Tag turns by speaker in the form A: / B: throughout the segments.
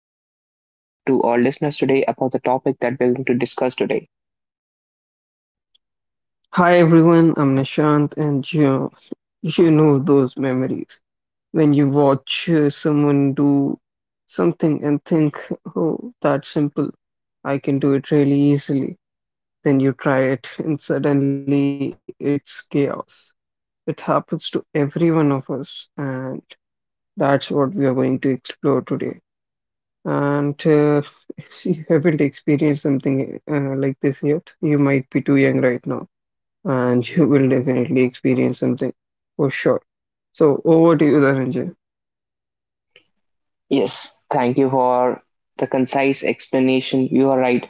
A: brief introduction to our listeners today about the topic that we're going to discuss today?
B: Hi everyone, I'm Nishant, and you know those memories when you watch someone do something and think, oh, that's simple, I can do it really easily. Then you try it, and suddenly it's chaos. It happens to every one of us, and that's what we are going to explore today. And if you haven't experienced something like this yet, you might be too young right now and you will definitely experience something for sure. So over to you, Dhananjay.
A: Yes, thank you for the concise explanation. You are right.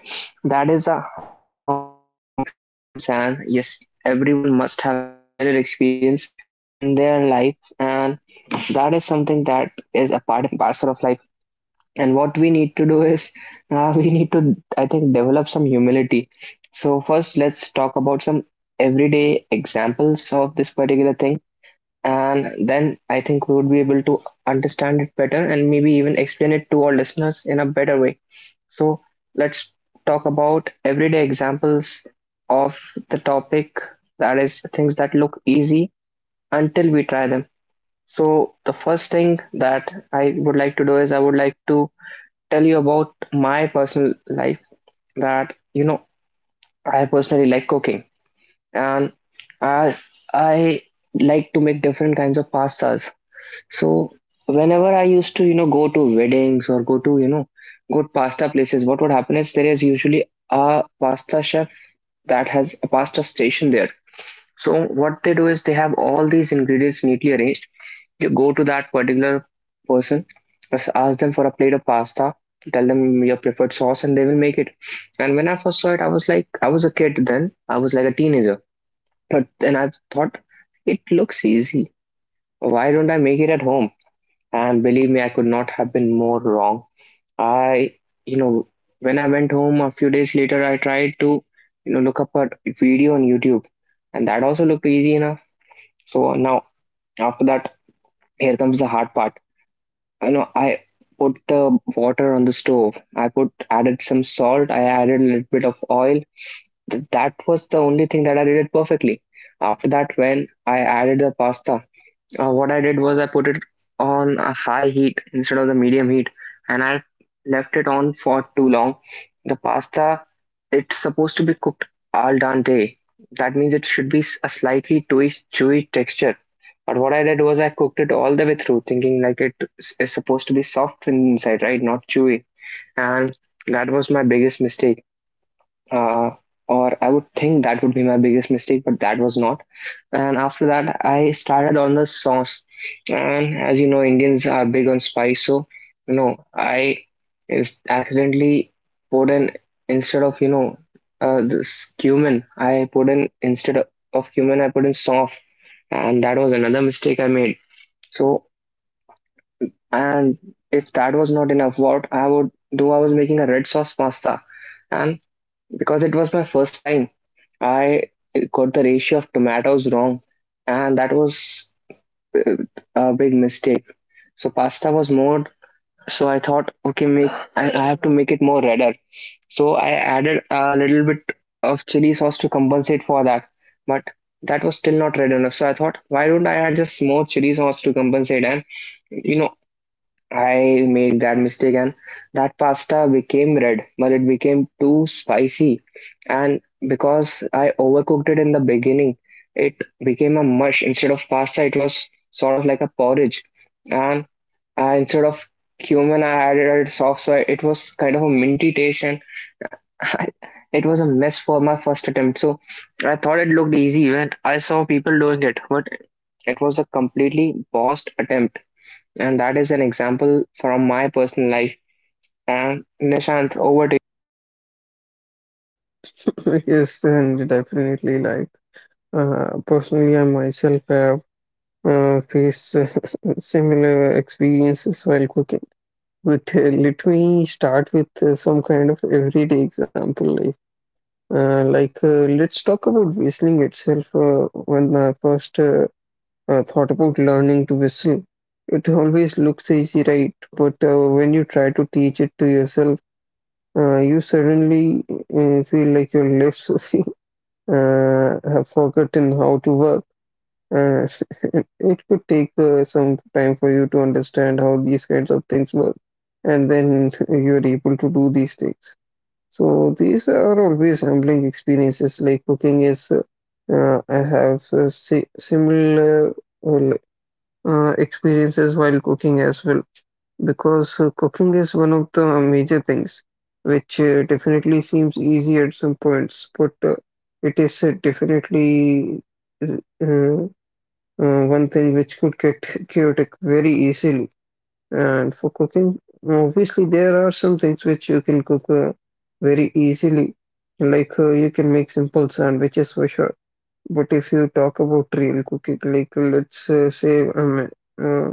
A: That is a humbling experience, and yes, everyone must have had similar experience in their life, and that is something that is a part and parcel of life. And what we need to do is, we need to, I think, develop some humility. So first, let's talk about some everyday examples of this particular thing and then I think we would be able to understand it better and maybe even explain it to our listeners in a better way. So let's talk about everyday examples of the topic, that is things that look easy until we try them. So the first thing that I would like to do is I would like to tell you about my personal life. That, you know, I personally like cooking, and as I like to make different kinds of pastas. So whenever I used to, you know, go to weddings or go to, you know, good pasta places, what would happen is there is usually a pasta chef that has a pasta station there. So what they do is they have all these ingredients neatly arranged. You go to that particular person, just ask them for a plate of pasta, tell them your preferred sauce, and they will make it. And when I first saw it, I was like, I was a kid then, I was like a teenager. But then I thought, it looks easy. Why don't I make it at home? And believe me, I could not have been more wrong. I, you know, when I went home a few days later, I tried to, you know, look up a video on YouTube, and that also looked easy enough. So now, after that, here comes the hard part. You know, I put the water on the stove. I put added some salt. I added a little bit of oil. That was the only thing that I did it perfectly. After that, when I added the pasta, what I did was I put it on a high heat instead of the medium heat, and I left it on for too long. The pasta, it's supposed to be cooked al dente. That means it should be a slightly chewy texture. But what I did was I cooked it all the way through, thinking like is supposed to be soft inside, right? Not chewy. And that was my biggest mistake. uh, or I would think that would be my biggest mistake, but that was not. And after that, I started on the sauce, and as you know, Indians are big on spice, so, you know, I is accidentally put in, instead of, you know, this cumin, I put in, instead of cumin, I put in sauce, and that was another mistake I made. So, and if that was not enough, what I would do, I was making a red sauce pasta, and because it was my first time I got the ratio of tomatoes wrong, and that was uh, a big mistake. So pasta was more, so I thought, okay, make I have to make it more redder. So I added a little bit of chili sauce to compensate for that, but that was still not red enough. So I thought, why don't I add just more chili sauce to compensate? And you know, I made that mistake and that pasta became red, but it became too spicy. And because I overcooked it in the beginning, it became a mush. Instead of pasta, it was sort of like a porridge. And I, instead of cumin, I added soft soy. It was kind of a minty taste. And I, it was a mess for my first attempt. So I thought it looked easy when I saw people doing it, but it was a completely bossed attempt. And that is an example from my personal life. And Nishant, over to.
B: Yes, and definitely, like personally, I myself have faced similar experiences while cooking. But let me start with some kind of everyday example. Like, let's talk about whistling itself. When I first thought about learning to whistle. It always looks easy, right? But when you try to teach it to yourself, you suddenly feel like your lips have forgotten how to work. Uh, it could take some time for you to understand how these kinds of things work, and then you're able to do these things. So these are always humbling experiences. Like cooking is, I have si similar uh, experiences while cooking as well because cooking is one of the major things which definitely seems easy at some points, but it is definitely uh, one thing which could get chaotic very easily. And for cooking, obviously there are some things which you can cook very easily, like you can make simple sandwiches for sure. But if you talk about real cooking, like let's say uh,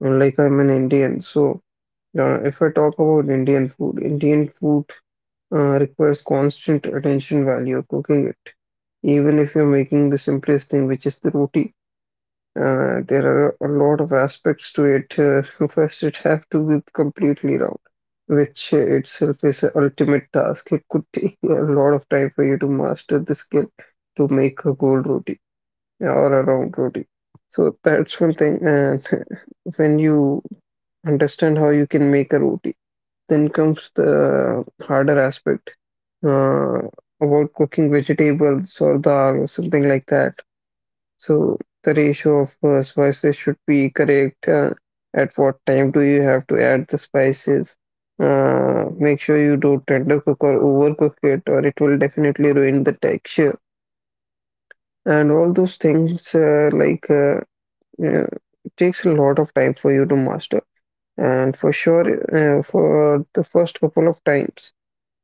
B: and like I'm an Indian, so if I talk about Indian food requires constant attention while you're cooking it. Even if you're making the simplest thing, which is the roti, there are a lot of aspects to it. First, it have to be completely round, which itself is an ultimate task. It could take a lot of time for you to master the skill to make a gold roti or a round roti. So that's one thing. And when you understand how you can make a roti. Then comes the harder aspect uh, about cooking vegetables or dal or something like that. So the ratio of spices should be correct. At what time do you have to add the spices? Make sure you don't undercook or overcook it, or it will definitely ruin the texture. And all those things, uh, takes a lot of time for you to master. And for sure, for the first couple of times,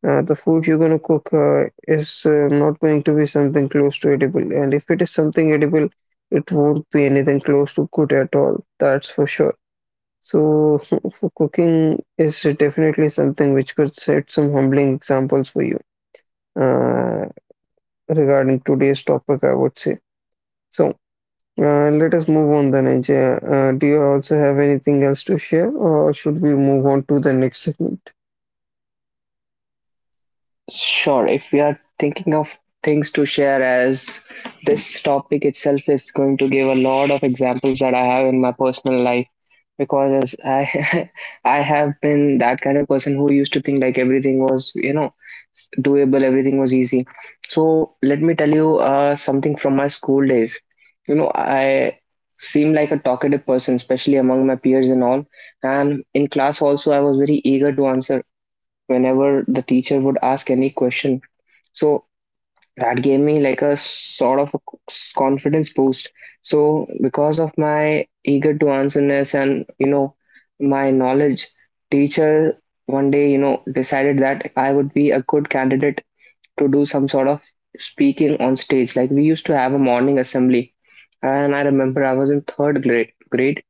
B: the food you're going to cook is not going to be something close to edible. And if it is something edible, it won't be anything close to good at all. That's for sure. So, for cooking is definitely something which could set some humbling examples for you uh, regarding today's topic, I would say. So, let us move on then, Ajay. Do you also have anything else to share, or should we move on to the next segment?
A: Sure, if we are thinking of things to share, as this topic itself is going to give a lot of examples that I have in my personal life, because as I I have been that kind of person who used to think like everything was, you know, doable, everything was easy. So let me tell you something from my school days. You know, I seem like a talkative person, especially among my peers and all. And in class also, I was very eager to answer whenever the teacher would ask any question. So that gave me like a sort of a confidence boost. So because of my eager to answerness and, you know, my knowledge, teacher one day, you know, decided that I would be a good candidate to do some sort of speaking on stage. Like we used to have a morning assembly, and I remember I was in third grade.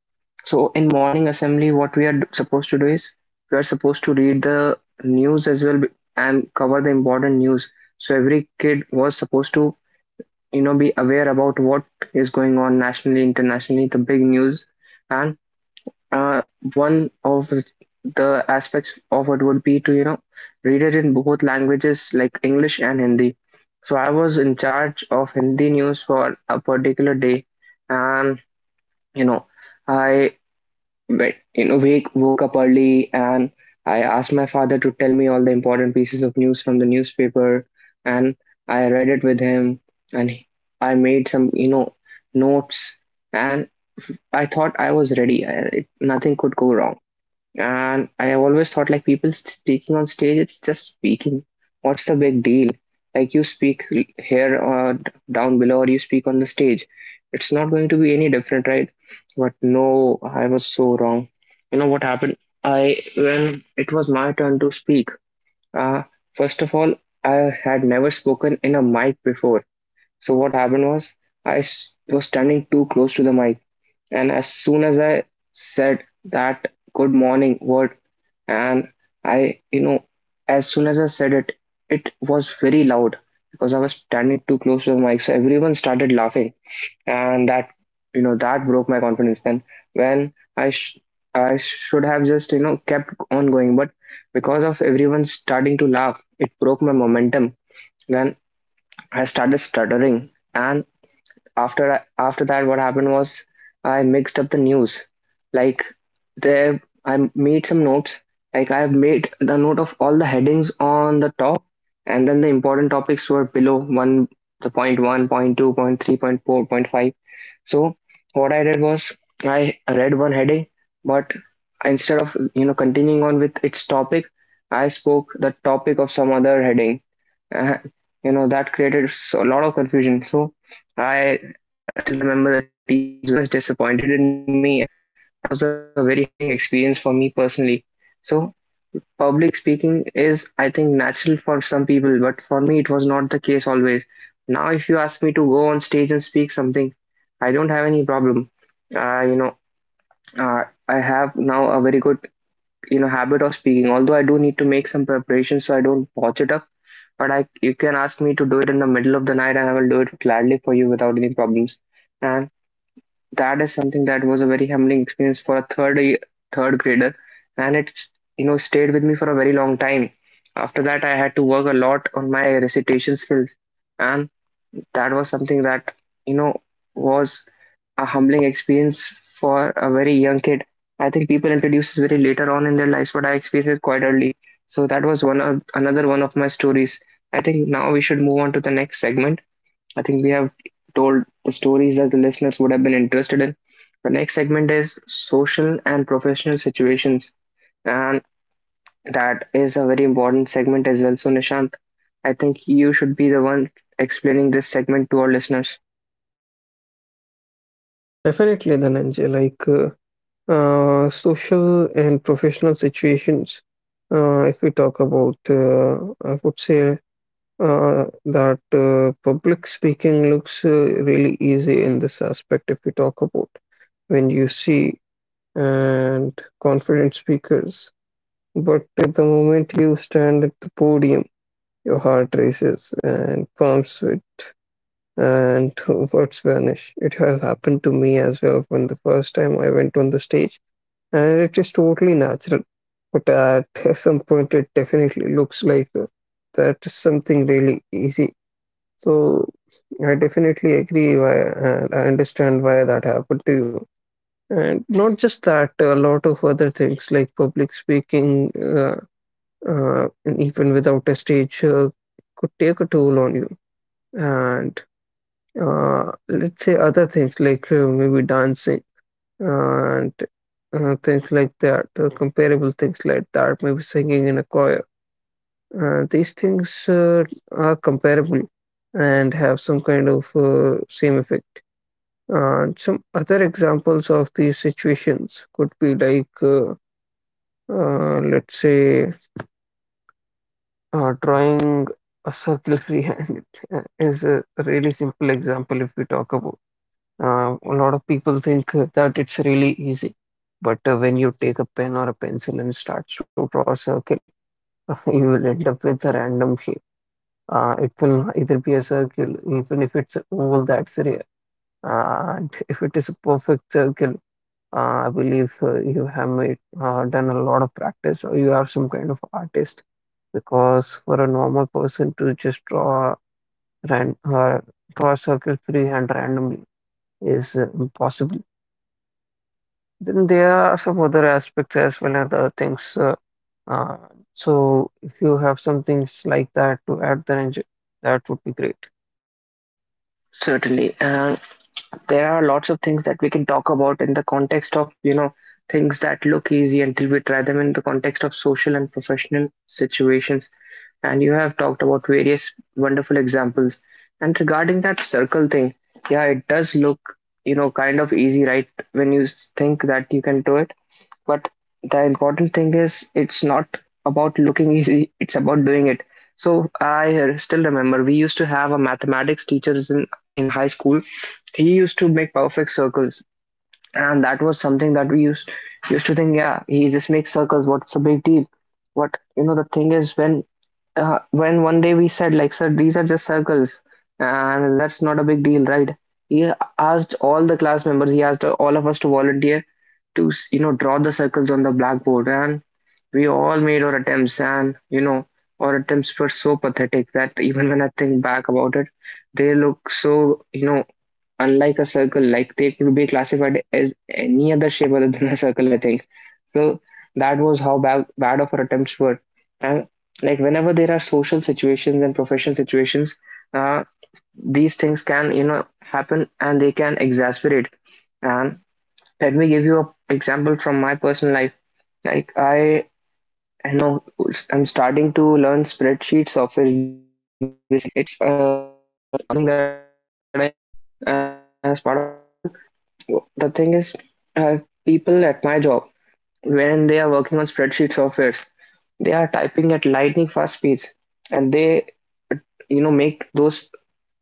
A: So in morning assembly, what we are supposed to do is we are supposed to read the news as well and cover the important news. So every kid was supposed to, you know, be aware about what is going on nationally, internationally, the big news. And uh, one of the aspects of it would be to, you know, read it in both languages like English and Hindi. So I was in charge of Hindi news for a particular day, and you know. I but you know, woke up early and I asked my father to tell me all the important pieces of news from the newspaper, and I read it with him, and I made some, you know, notes, and I thought I was ready. Nothing could go wrong. And I have always thought like people speaking on stage, it's just speaking. What's the big deal? Like you speak here or down below, or you speak on the stage. It's not going to be any different, right? But no, I was so wrong. You know what happened? I when it was my turn to speak. Uh, First of all, I had never spoken in a mic before. So what happened was I was standing too close to the mic. And as soon as I said that good morning word, and I, you know, as soon as I said it, it was very loud because I was standing too close to the mic, so everyone started laughing, and that, you know, that broke my confidence. Then when I sh I should have just, you know, kept on going, but because of everyone starting to laugh, it broke my momentum. Then I started stuttering, and after that what happened was I mixed up the news like there I made some notes. Like I've made the note of all the headings on the top, and then the important topics were below one, the point one, point two, point three, point four, point five. So what I did was I read one heading, but instead of, you know, continuing on with its topic, I spoke the topic of some other heading. Uh, you know that created a lot of confusion. So I still remember the teacher was very much disappointed in me and that was a very humbling experience for me personally. So, public speaking is, I think, natural for some people, but for me, it was not the case always. Now, if you ask me to go on stage and speak something, I don't have any problem. You know, uh, I have now a very good, you know, habit of speaking. Although I do need to make some preparation so I don't botch it up, but I, you can ask me to do it in the middle of the night, and I will do it gladly for you without any problems. That is something that was a very humbling experience for a third year, third grader, and it, you know, stayed with me for a very long time. After that I had to work a lot on my recitation skills, and that was something that, you know, was a humbling experience for a very young kid. I think people introduce this very later on in their lives, but I experienced it quite early. So that was one of another one of my stories. I think now we should move on to the next segment. I think we have told the stories that the listeners would have been interested in. The next segment is social and professional situations, and that is a very important segment as well. So, Nishant, I think you should be the one explaining this segment to our listeners.
B: Definitely, Dhananjay, like social and professional situations. If we talk about, I would say that public speaking looks really easy in this aspect. If we talk about when you see and confident speakers, but at the moment you stand at the podium, your heart races and palms sweat and words vanish. It has happened to me as well when the first time I went on the stage, and it is totally natural. But at some point, it definitely looks like that is something really easy. So I definitely agree why, and I understand why that happened to you. And not just that, a lot of other things like public speaking, and even without a stage, could take a toll on you. And let's say other things like maybe dancing and things like that, comparable things like that, maybe singing in a choir. These things are comparable and have some kind of same effect. And some other examples of these situations could be like, let's say, drawing a circle free-handed is a really simple example if we talk about. A lot of people think that it's really easy, but when you take a pen or a pencil and starts to draw a circle, you will end up with a random shape. It will either be a circle, even if it's oval, that's rare. And if it is a perfect circle, I believe you have made, done a lot of practice or you are some kind of artist. Because for a normal person to just draw ran draw a circle freehand randomly is impossible. Then there are some other aspects as well and other things. Uh, so if you have some things like that to add, then enjoy, that would be great.
A: Certainly. And there are lots of things that we can talk about in the context of, you know, things that look easy until we try them in the context of social and professional situations, and you have talked about various wonderful examples. And regarding that circle thing, yeah, it does look, you know, kind of easy, right? Think that you can do it. But the important thing is, it's not about looking easy, it's about doing it. So I still remember we used to have a mathematics teacher in high school. He used to make perfect circles. And that was something that we used to think, yeah, he just makes circles. What's the big deal? But you know, the thing is, when one day we said like, sir, these are just circles, and that's not a big deal, right? He asked all the class members. He asked all of us to volunteer to, you know, draw the circles on the blackboard, and we all made our attempts, and you know, our attempts were so pathetic that even when I think back about it, they look so, you know, unlike a circle, like they could be classified as any other shape other than a circle, I think. So that was how bad of our attempts were. And like, whenever there are social situations and professional situations, uh, these things can, you know, happen, and they can exasperate. And let me give you an example from my personal life. Like I know I'm starting to learn spreadsheet software. Basically, it's part of the new thing that I need to learn as part of a new role. The thing is, uh, people at my job, when they are working on spreadsheet softwares, they are typing at lightning fast speeds, and they, you know, make those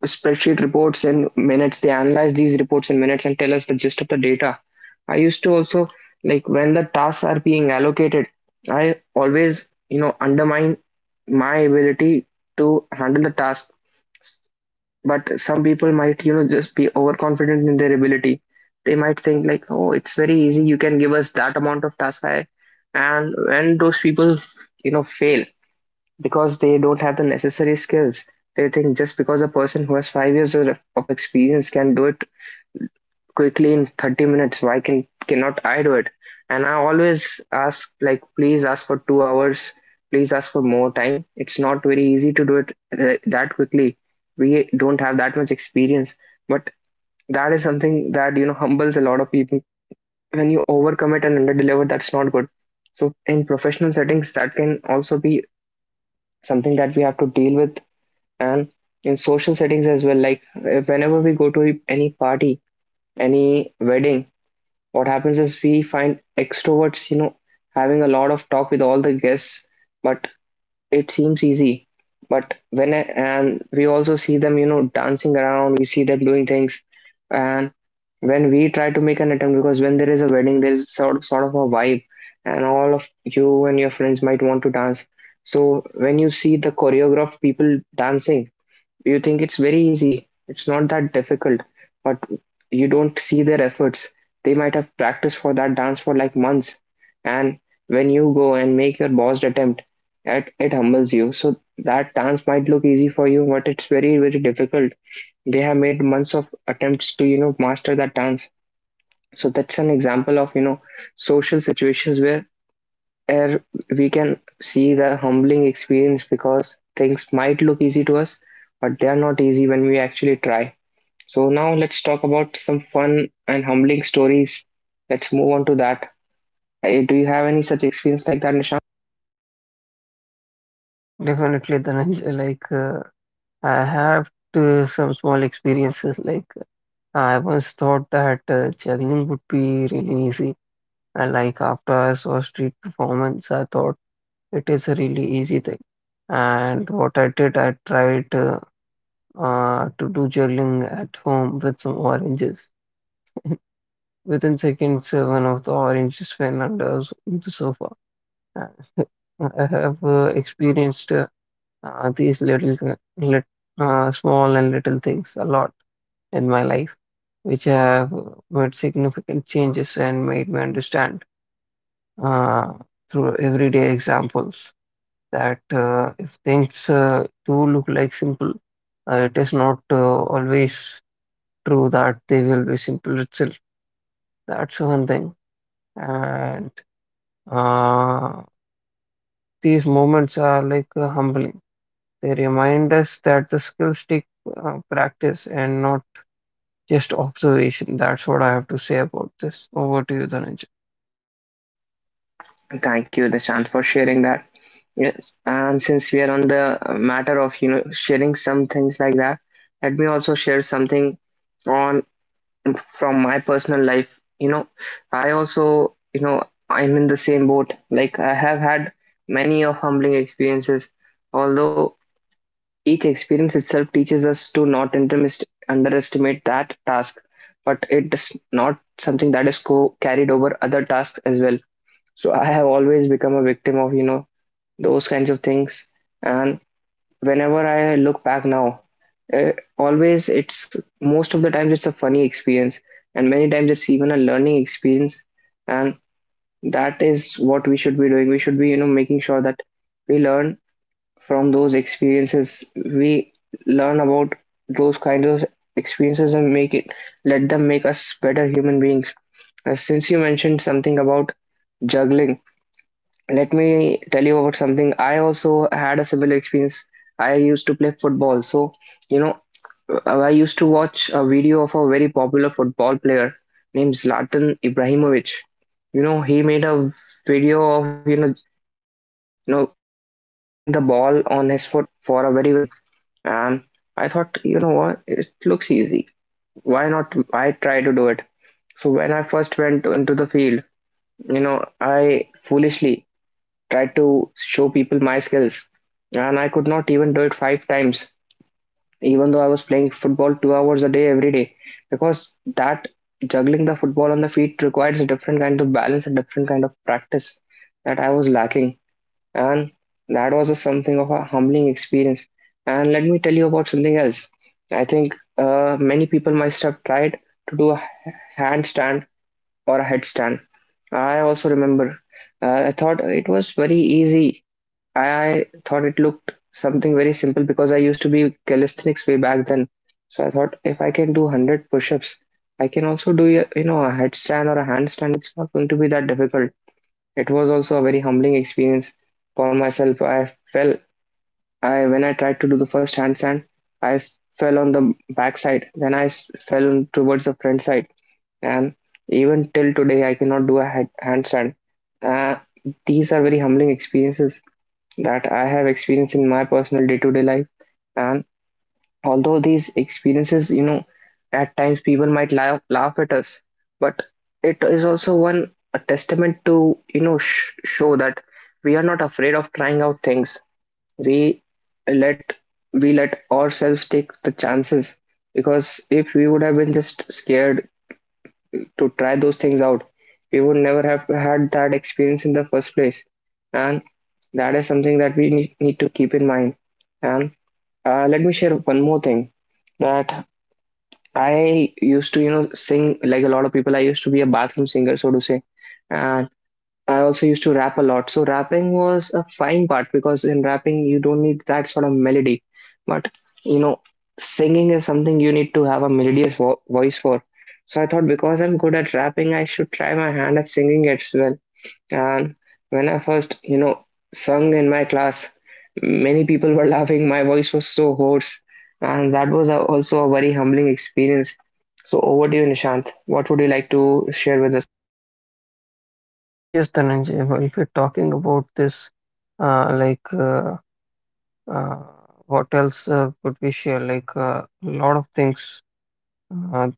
A: spreadsheet reports in minutes. They analyze these reports in minutes and tell us the gist of the data. I used to also, like when the tasks are being allocated, I always, you know, undermine my ability to handle the task, but some people might, you know, just be overconfident in their ability. They might think like, oh, it's very easy, you can give us that amount of task. I and when those people, you know, fail because they don't have the necessary skills, they think just because a person who has 5 years of experience can do it quickly in 30 minutes, why can cannot I do it? And I always ask like, please ask for 2 hours. Please ask for more time. It's not very easy to do it that quickly. We don't have that much experience, but that is something that, you know, humbles a lot of people. When you overcommit and underdeliver, that's not good. So in professional settings, that can also be something that we have to deal with, and in social settings as well. Like whenever we go to any party, any wedding, what happens is we find extroverts, you know, having a lot of talk with all the guests, but it seems easy. But when I, and we also see them, you know, dancing around, we see them doing things, and when we try to make an attempt, because when there is a wedding, there is sort of a vibe, and all of you and your friends might want to dance. So when you see the choreographed people dancing, you think it's very easy. It's not that difficult, but you don't see their efforts. They might have practiced for that dance for like months, and when you go and make your bossed attempt, it humbles you. So that dance might look easy for you, but it's very difficult. They have made months of attempts to, you know, master that dance. So that's an example of, you know, social situations where we can see the humbling experience because things might look easy to us, but they are not easy when we actually try. So now let's talk about some fun and humbling stories. Let's move on to that. Eh, do you have any such experience like that, Nishant?
B: Definitely, then enjoy, like I have to some small experiences. Like I once thought that juggling would be really easy. And like after I saw street performance, I thought it is a really easy thing. And what I did, I tried to do juggling at home with some oranges. Within seconds, one of the oranges fell under the sofa. Uh, I have experienced these small and little things a lot in my life, which have made significant changes and made me understand uh, through everyday examples that if things do look like simple, it is not always true that they will be simple itself. That's one thing. And Uh, these moments are like humbling. They remind us that the skills take practice and not just observation. That's what I have to say about this. Over to you, Dhananjay.
A: Thank you, Nishant, for sharing that. Yes, and since we are on the matter of, you know, sharing some things like that, let me also share something on from my personal life. You know, I also, you know, I'm in the same boat. Like I have had many of humbling experiences, although each experience itself teaches us to not underestimate that task, but it is not something that is carried over other tasks as well. So I have always become a victim of, you know, those kinds of things. And whenever I look back now, uh, always, it's most of the times it's a funny experience, and many times it's even a learning experience, and that is what we should be doing. We should be, you know, making sure that we learn from those experiences. We learn about those kinds of experiences and make it, let them make us better human beings. Since you mentioned something about juggling, let me tell you about something. I also had a similar experience. I used to play football. So, you know, I used to watch a video of a very popular football player named Zlatan Ibrahimovic. You know, he made a video of, you know, juggling the ball on his foot for a very long time. And I thought, you know what, it looks easy. Why not I try to do it? So when I first went into the field, you know, I foolishly tried to show people my skills. And I could not even do it five times, even though I was playing football 2 hours a day every day, because that juggling the football on the feet requires a different kind of balance, a different kind of practice that I was lacking. And that was a something of a humbling experience. And let me tell you about something else. I think many people must have tried to do a handstand or a headstand. I also remember I thought it was very easy. I thought it looked something very simple because I used to be calisthenics way back then. So I thought if I can do 100 push-ups, I can also do you know a headstand or a handstand. It's not going to be that difficult. It was also a very humbling experience for myself. I fell, I when I tried to do the first handstand, I fell on the back side. Then I fell on towards the front side, and even till today I cannot do a handstand. Uh, these are very humbling experiences that I have experienced in my personal day-to-day life. And although these experiences, you know, at times people might laugh at us, but it is also one a testament to, you know, show that we are not afraid of trying out things. We let we let ourselves take the chances because if we would have been just scared to try those things out, we would never have had that experience in the first place. And that is something that we need to keep in mind. And let me share one more thing, that I used to, you know, sing like a lot of people. I used to be a bathroom singer, so to say. And I also used to rap a lot. So rapping was a fine part because in rapping you don't need that sort of melody. But you know, singing is something you need to have a melodious voice for. So I thought because I'm good at rapping, I should try my hand at singing as well. And when I first, you know, sung in my class, many people were laughing. My voice was so hoarse, and that was a, also a very humbling experience. So over to you, Nishant. What would you like to share with us?
B: Yes, Dhananjay, well, if we're talking about this, uh, like uh, uh, what else could we share? Like a lot of things uh,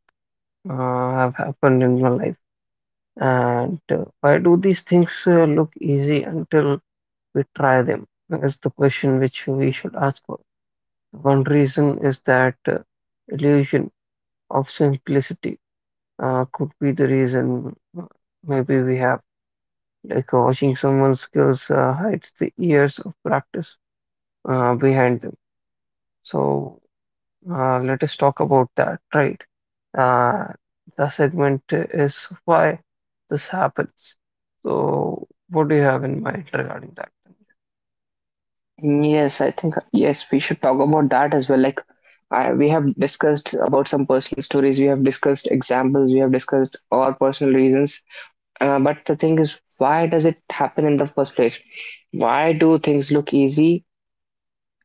B: have happened in my life. And why do these things look easy until we try them is the question which we should ask for. One reason is that illusion of simplicity could be the reason maybe we have. Like watching someone's skills hides the years of practice behind them. So let us talk about that, right? Uh, the segment is why this happens. So what do you have in mind regarding that?
A: Yes, I think, yes, we should talk about that as well. Like I, we have discussed about some personal stories, we have discussed examples, we have discussed our personal reasons. But the thing is, why does it happen in the first place? Why do things look easy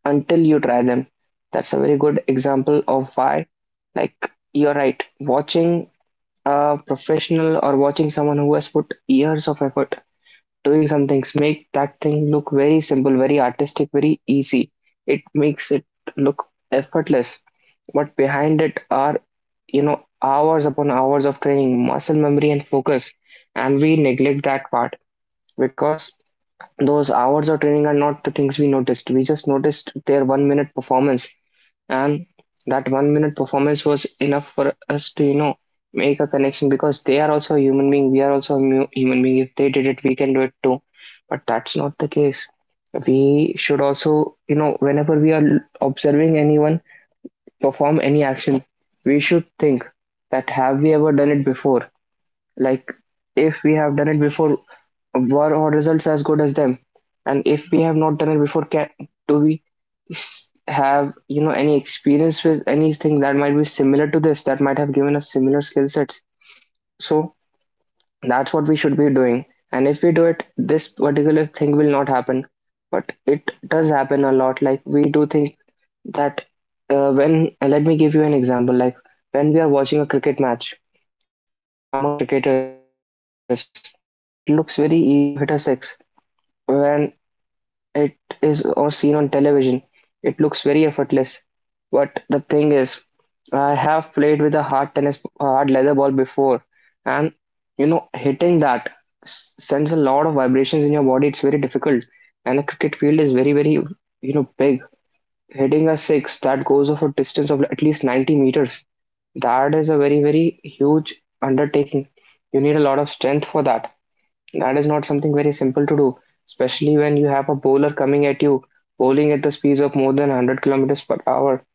A: until you try them? That's a very good example of why. Like watching a professional or watching someone who has put years of effort doing some things make that thing look very simple, very artistic, very easy. It makes it look effortless, but behind it are hours upon hours of training, muscle memory, and focus. And we neglect that part, because those hours of training are not the things we noticed. We just noticed their 1 minute performance, and that 1 minute performance was enough for us to, make a connection. Because they are also a human being, we are also a human being. If they did it, we can do it too. But that's not the case. We should also, whenever we are observing anyone perform any action, we should think that have we ever done it before. Like, if we have done it before, were our results as good as them? And if we have not done it before, can do we have, any experience with anything that might be similar to this that might have given us similar skill sets? So that's what we should be doing, and if we do it, this particular thing will not happen. But it does happen a lot. Like, we do think that when let me give you an example. Like, when we are watching a cricket match among professional cricketers, it looks very easy to hit a six when it is or seen on television. It looks very effortless. But the thing is, I have played with a hard tennis, hard leather ball before, and hitting that sends a lot of vibrations in your body. It's very difficult, and the cricket field is very, very, big. Hitting a six that goes of a distance of at least 90 meters, that is a very, very huge undertaking. You need a lot of strength for that. That is not something very simple to do, especially when you have a bowler coming at you, bowling at the speeds of more than 100 kilometers per hour.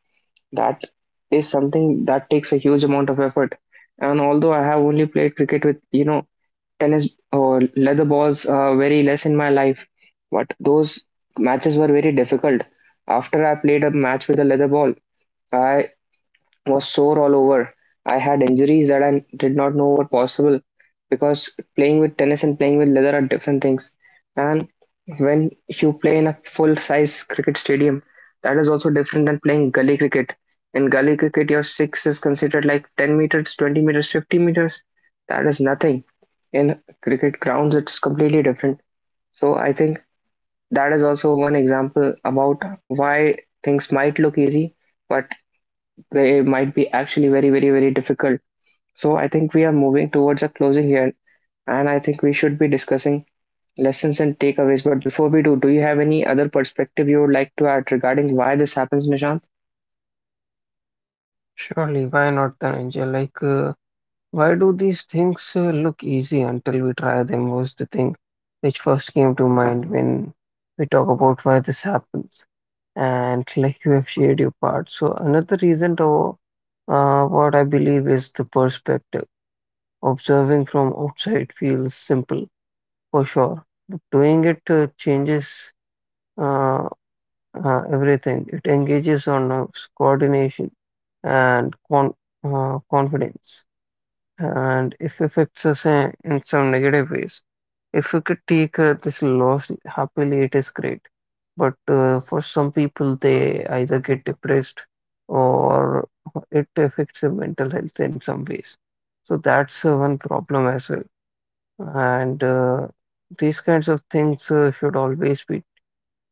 A: That is something that takes a huge amount of effort. And although I have only played cricket with, tennis or leather balls very less in my life, but those matches were very difficult. After I played a match with a leather ball, I was sore all over. I had injuries that I did not know were possible, because playing with tennis and playing with leather are different things. And when you play in a full size cricket stadium, that is also different than playing gully cricket. In gully cricket, your six is considered like 10 meters, 20 meters, 50 meters. That is nothing. In cricket grounds, it's completely different. So I think that is also one example about why things might look easy, but they might be actually very, very, very difficult. So I think we are moving towards a closing here, and I think we should be discussing lessons and takeaways. But before we do, do you have any other perspective you would like to add regarding why this happens, Nishant?
B: Surely, why not then, Angel? Like. Why do these things look easy until we try them was the thing which first came to mind when we talk about why this happens. And like you have shared your part. So another reason to what I believe is the perspective. Observing from outside feels simple for sure, but doing it changes uh, everything. It engages on nerves, coordination, and confidence and if affects us in some negative ways. If you could take this loss happily, it is great. But for some people, they either get depressed or it affects their mental health in some ways. So that's one problem as well. And these kinds of things should always be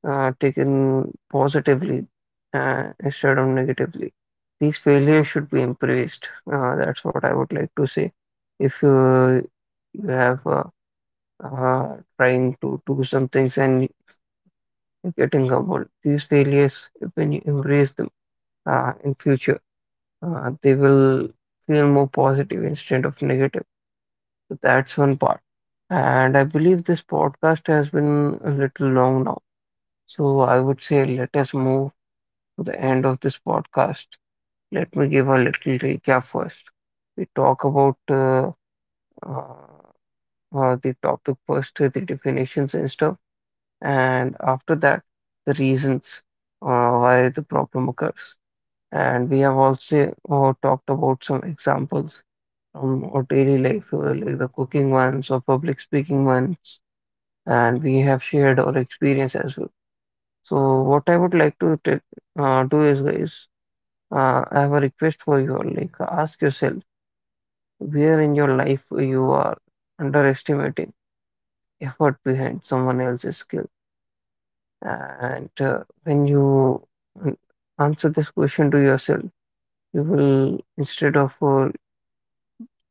B: taken positively instead of negatively. These failures should be embraced. That's what I would like to say. If you have trying to do some things and you're getting humbled, these failures, when you embrace them in future, they will feel more positive instead of negative. So that's one part. And I believe this podcast has been a little long now. So I would say let us move to the end of this podcast, let me give a little recap first. We talk about uh, the topic first, the definitions and stuff, and after that, the reasons why the problem occurs. And we have also talked about some examples from our daily life, like the cooking ones or public speaking ones, and we have shared our experience as well. So, what I would like to take do is guys I have a request for you. Like, ask yourself where in your life you are underestimating effort behind someone else's skill. And when you an- answer this question to yourself, you will, instead of uh,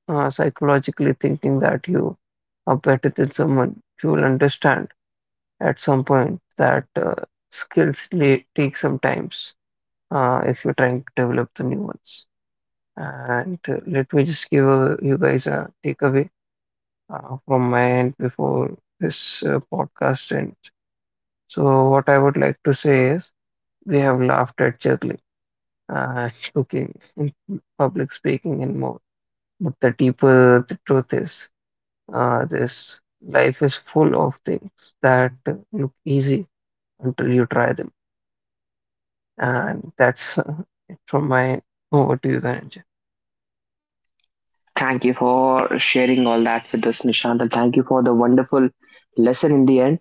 B: uh, psychologically thinking that you are better than someone, you will understand at some point that skills take some times if you're trying to develop the new ones. And let me just give you guys a takeaway from my end before this podcast ends. So, what I would like to say is we have laughed at juggling, cooking, and public speaking, and more. But the deeper the truth is, this life is full of things that look easy until you try them. And that's it from my end. Over to you, then.
A: Thank you for sharing all that with us, Nishant, and thank you for the wonderful lesson in the end.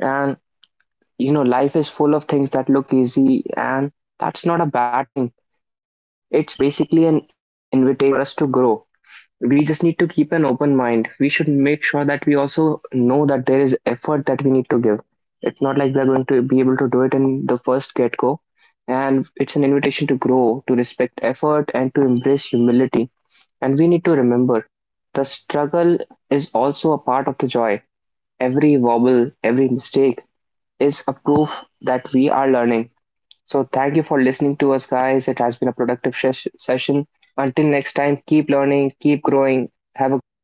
A: And life is full of things that look easy, and that's not a bad thing. It's, basically an invitation for us to grow. We just need to keep an open mind. We should make sure that we also know that there is effort that we need to give. It's not like we're going to be able to do it in the first get go. And it's an invitation to grow, to respect effort, and to embrace humility. And we need to remember the struggle is also a part of the joy. Every wobble, every mistake is a proof that we are learning. So, thank you for listening to us, guys. It has been a productive session. Until next time, keep learning, keep growing, have a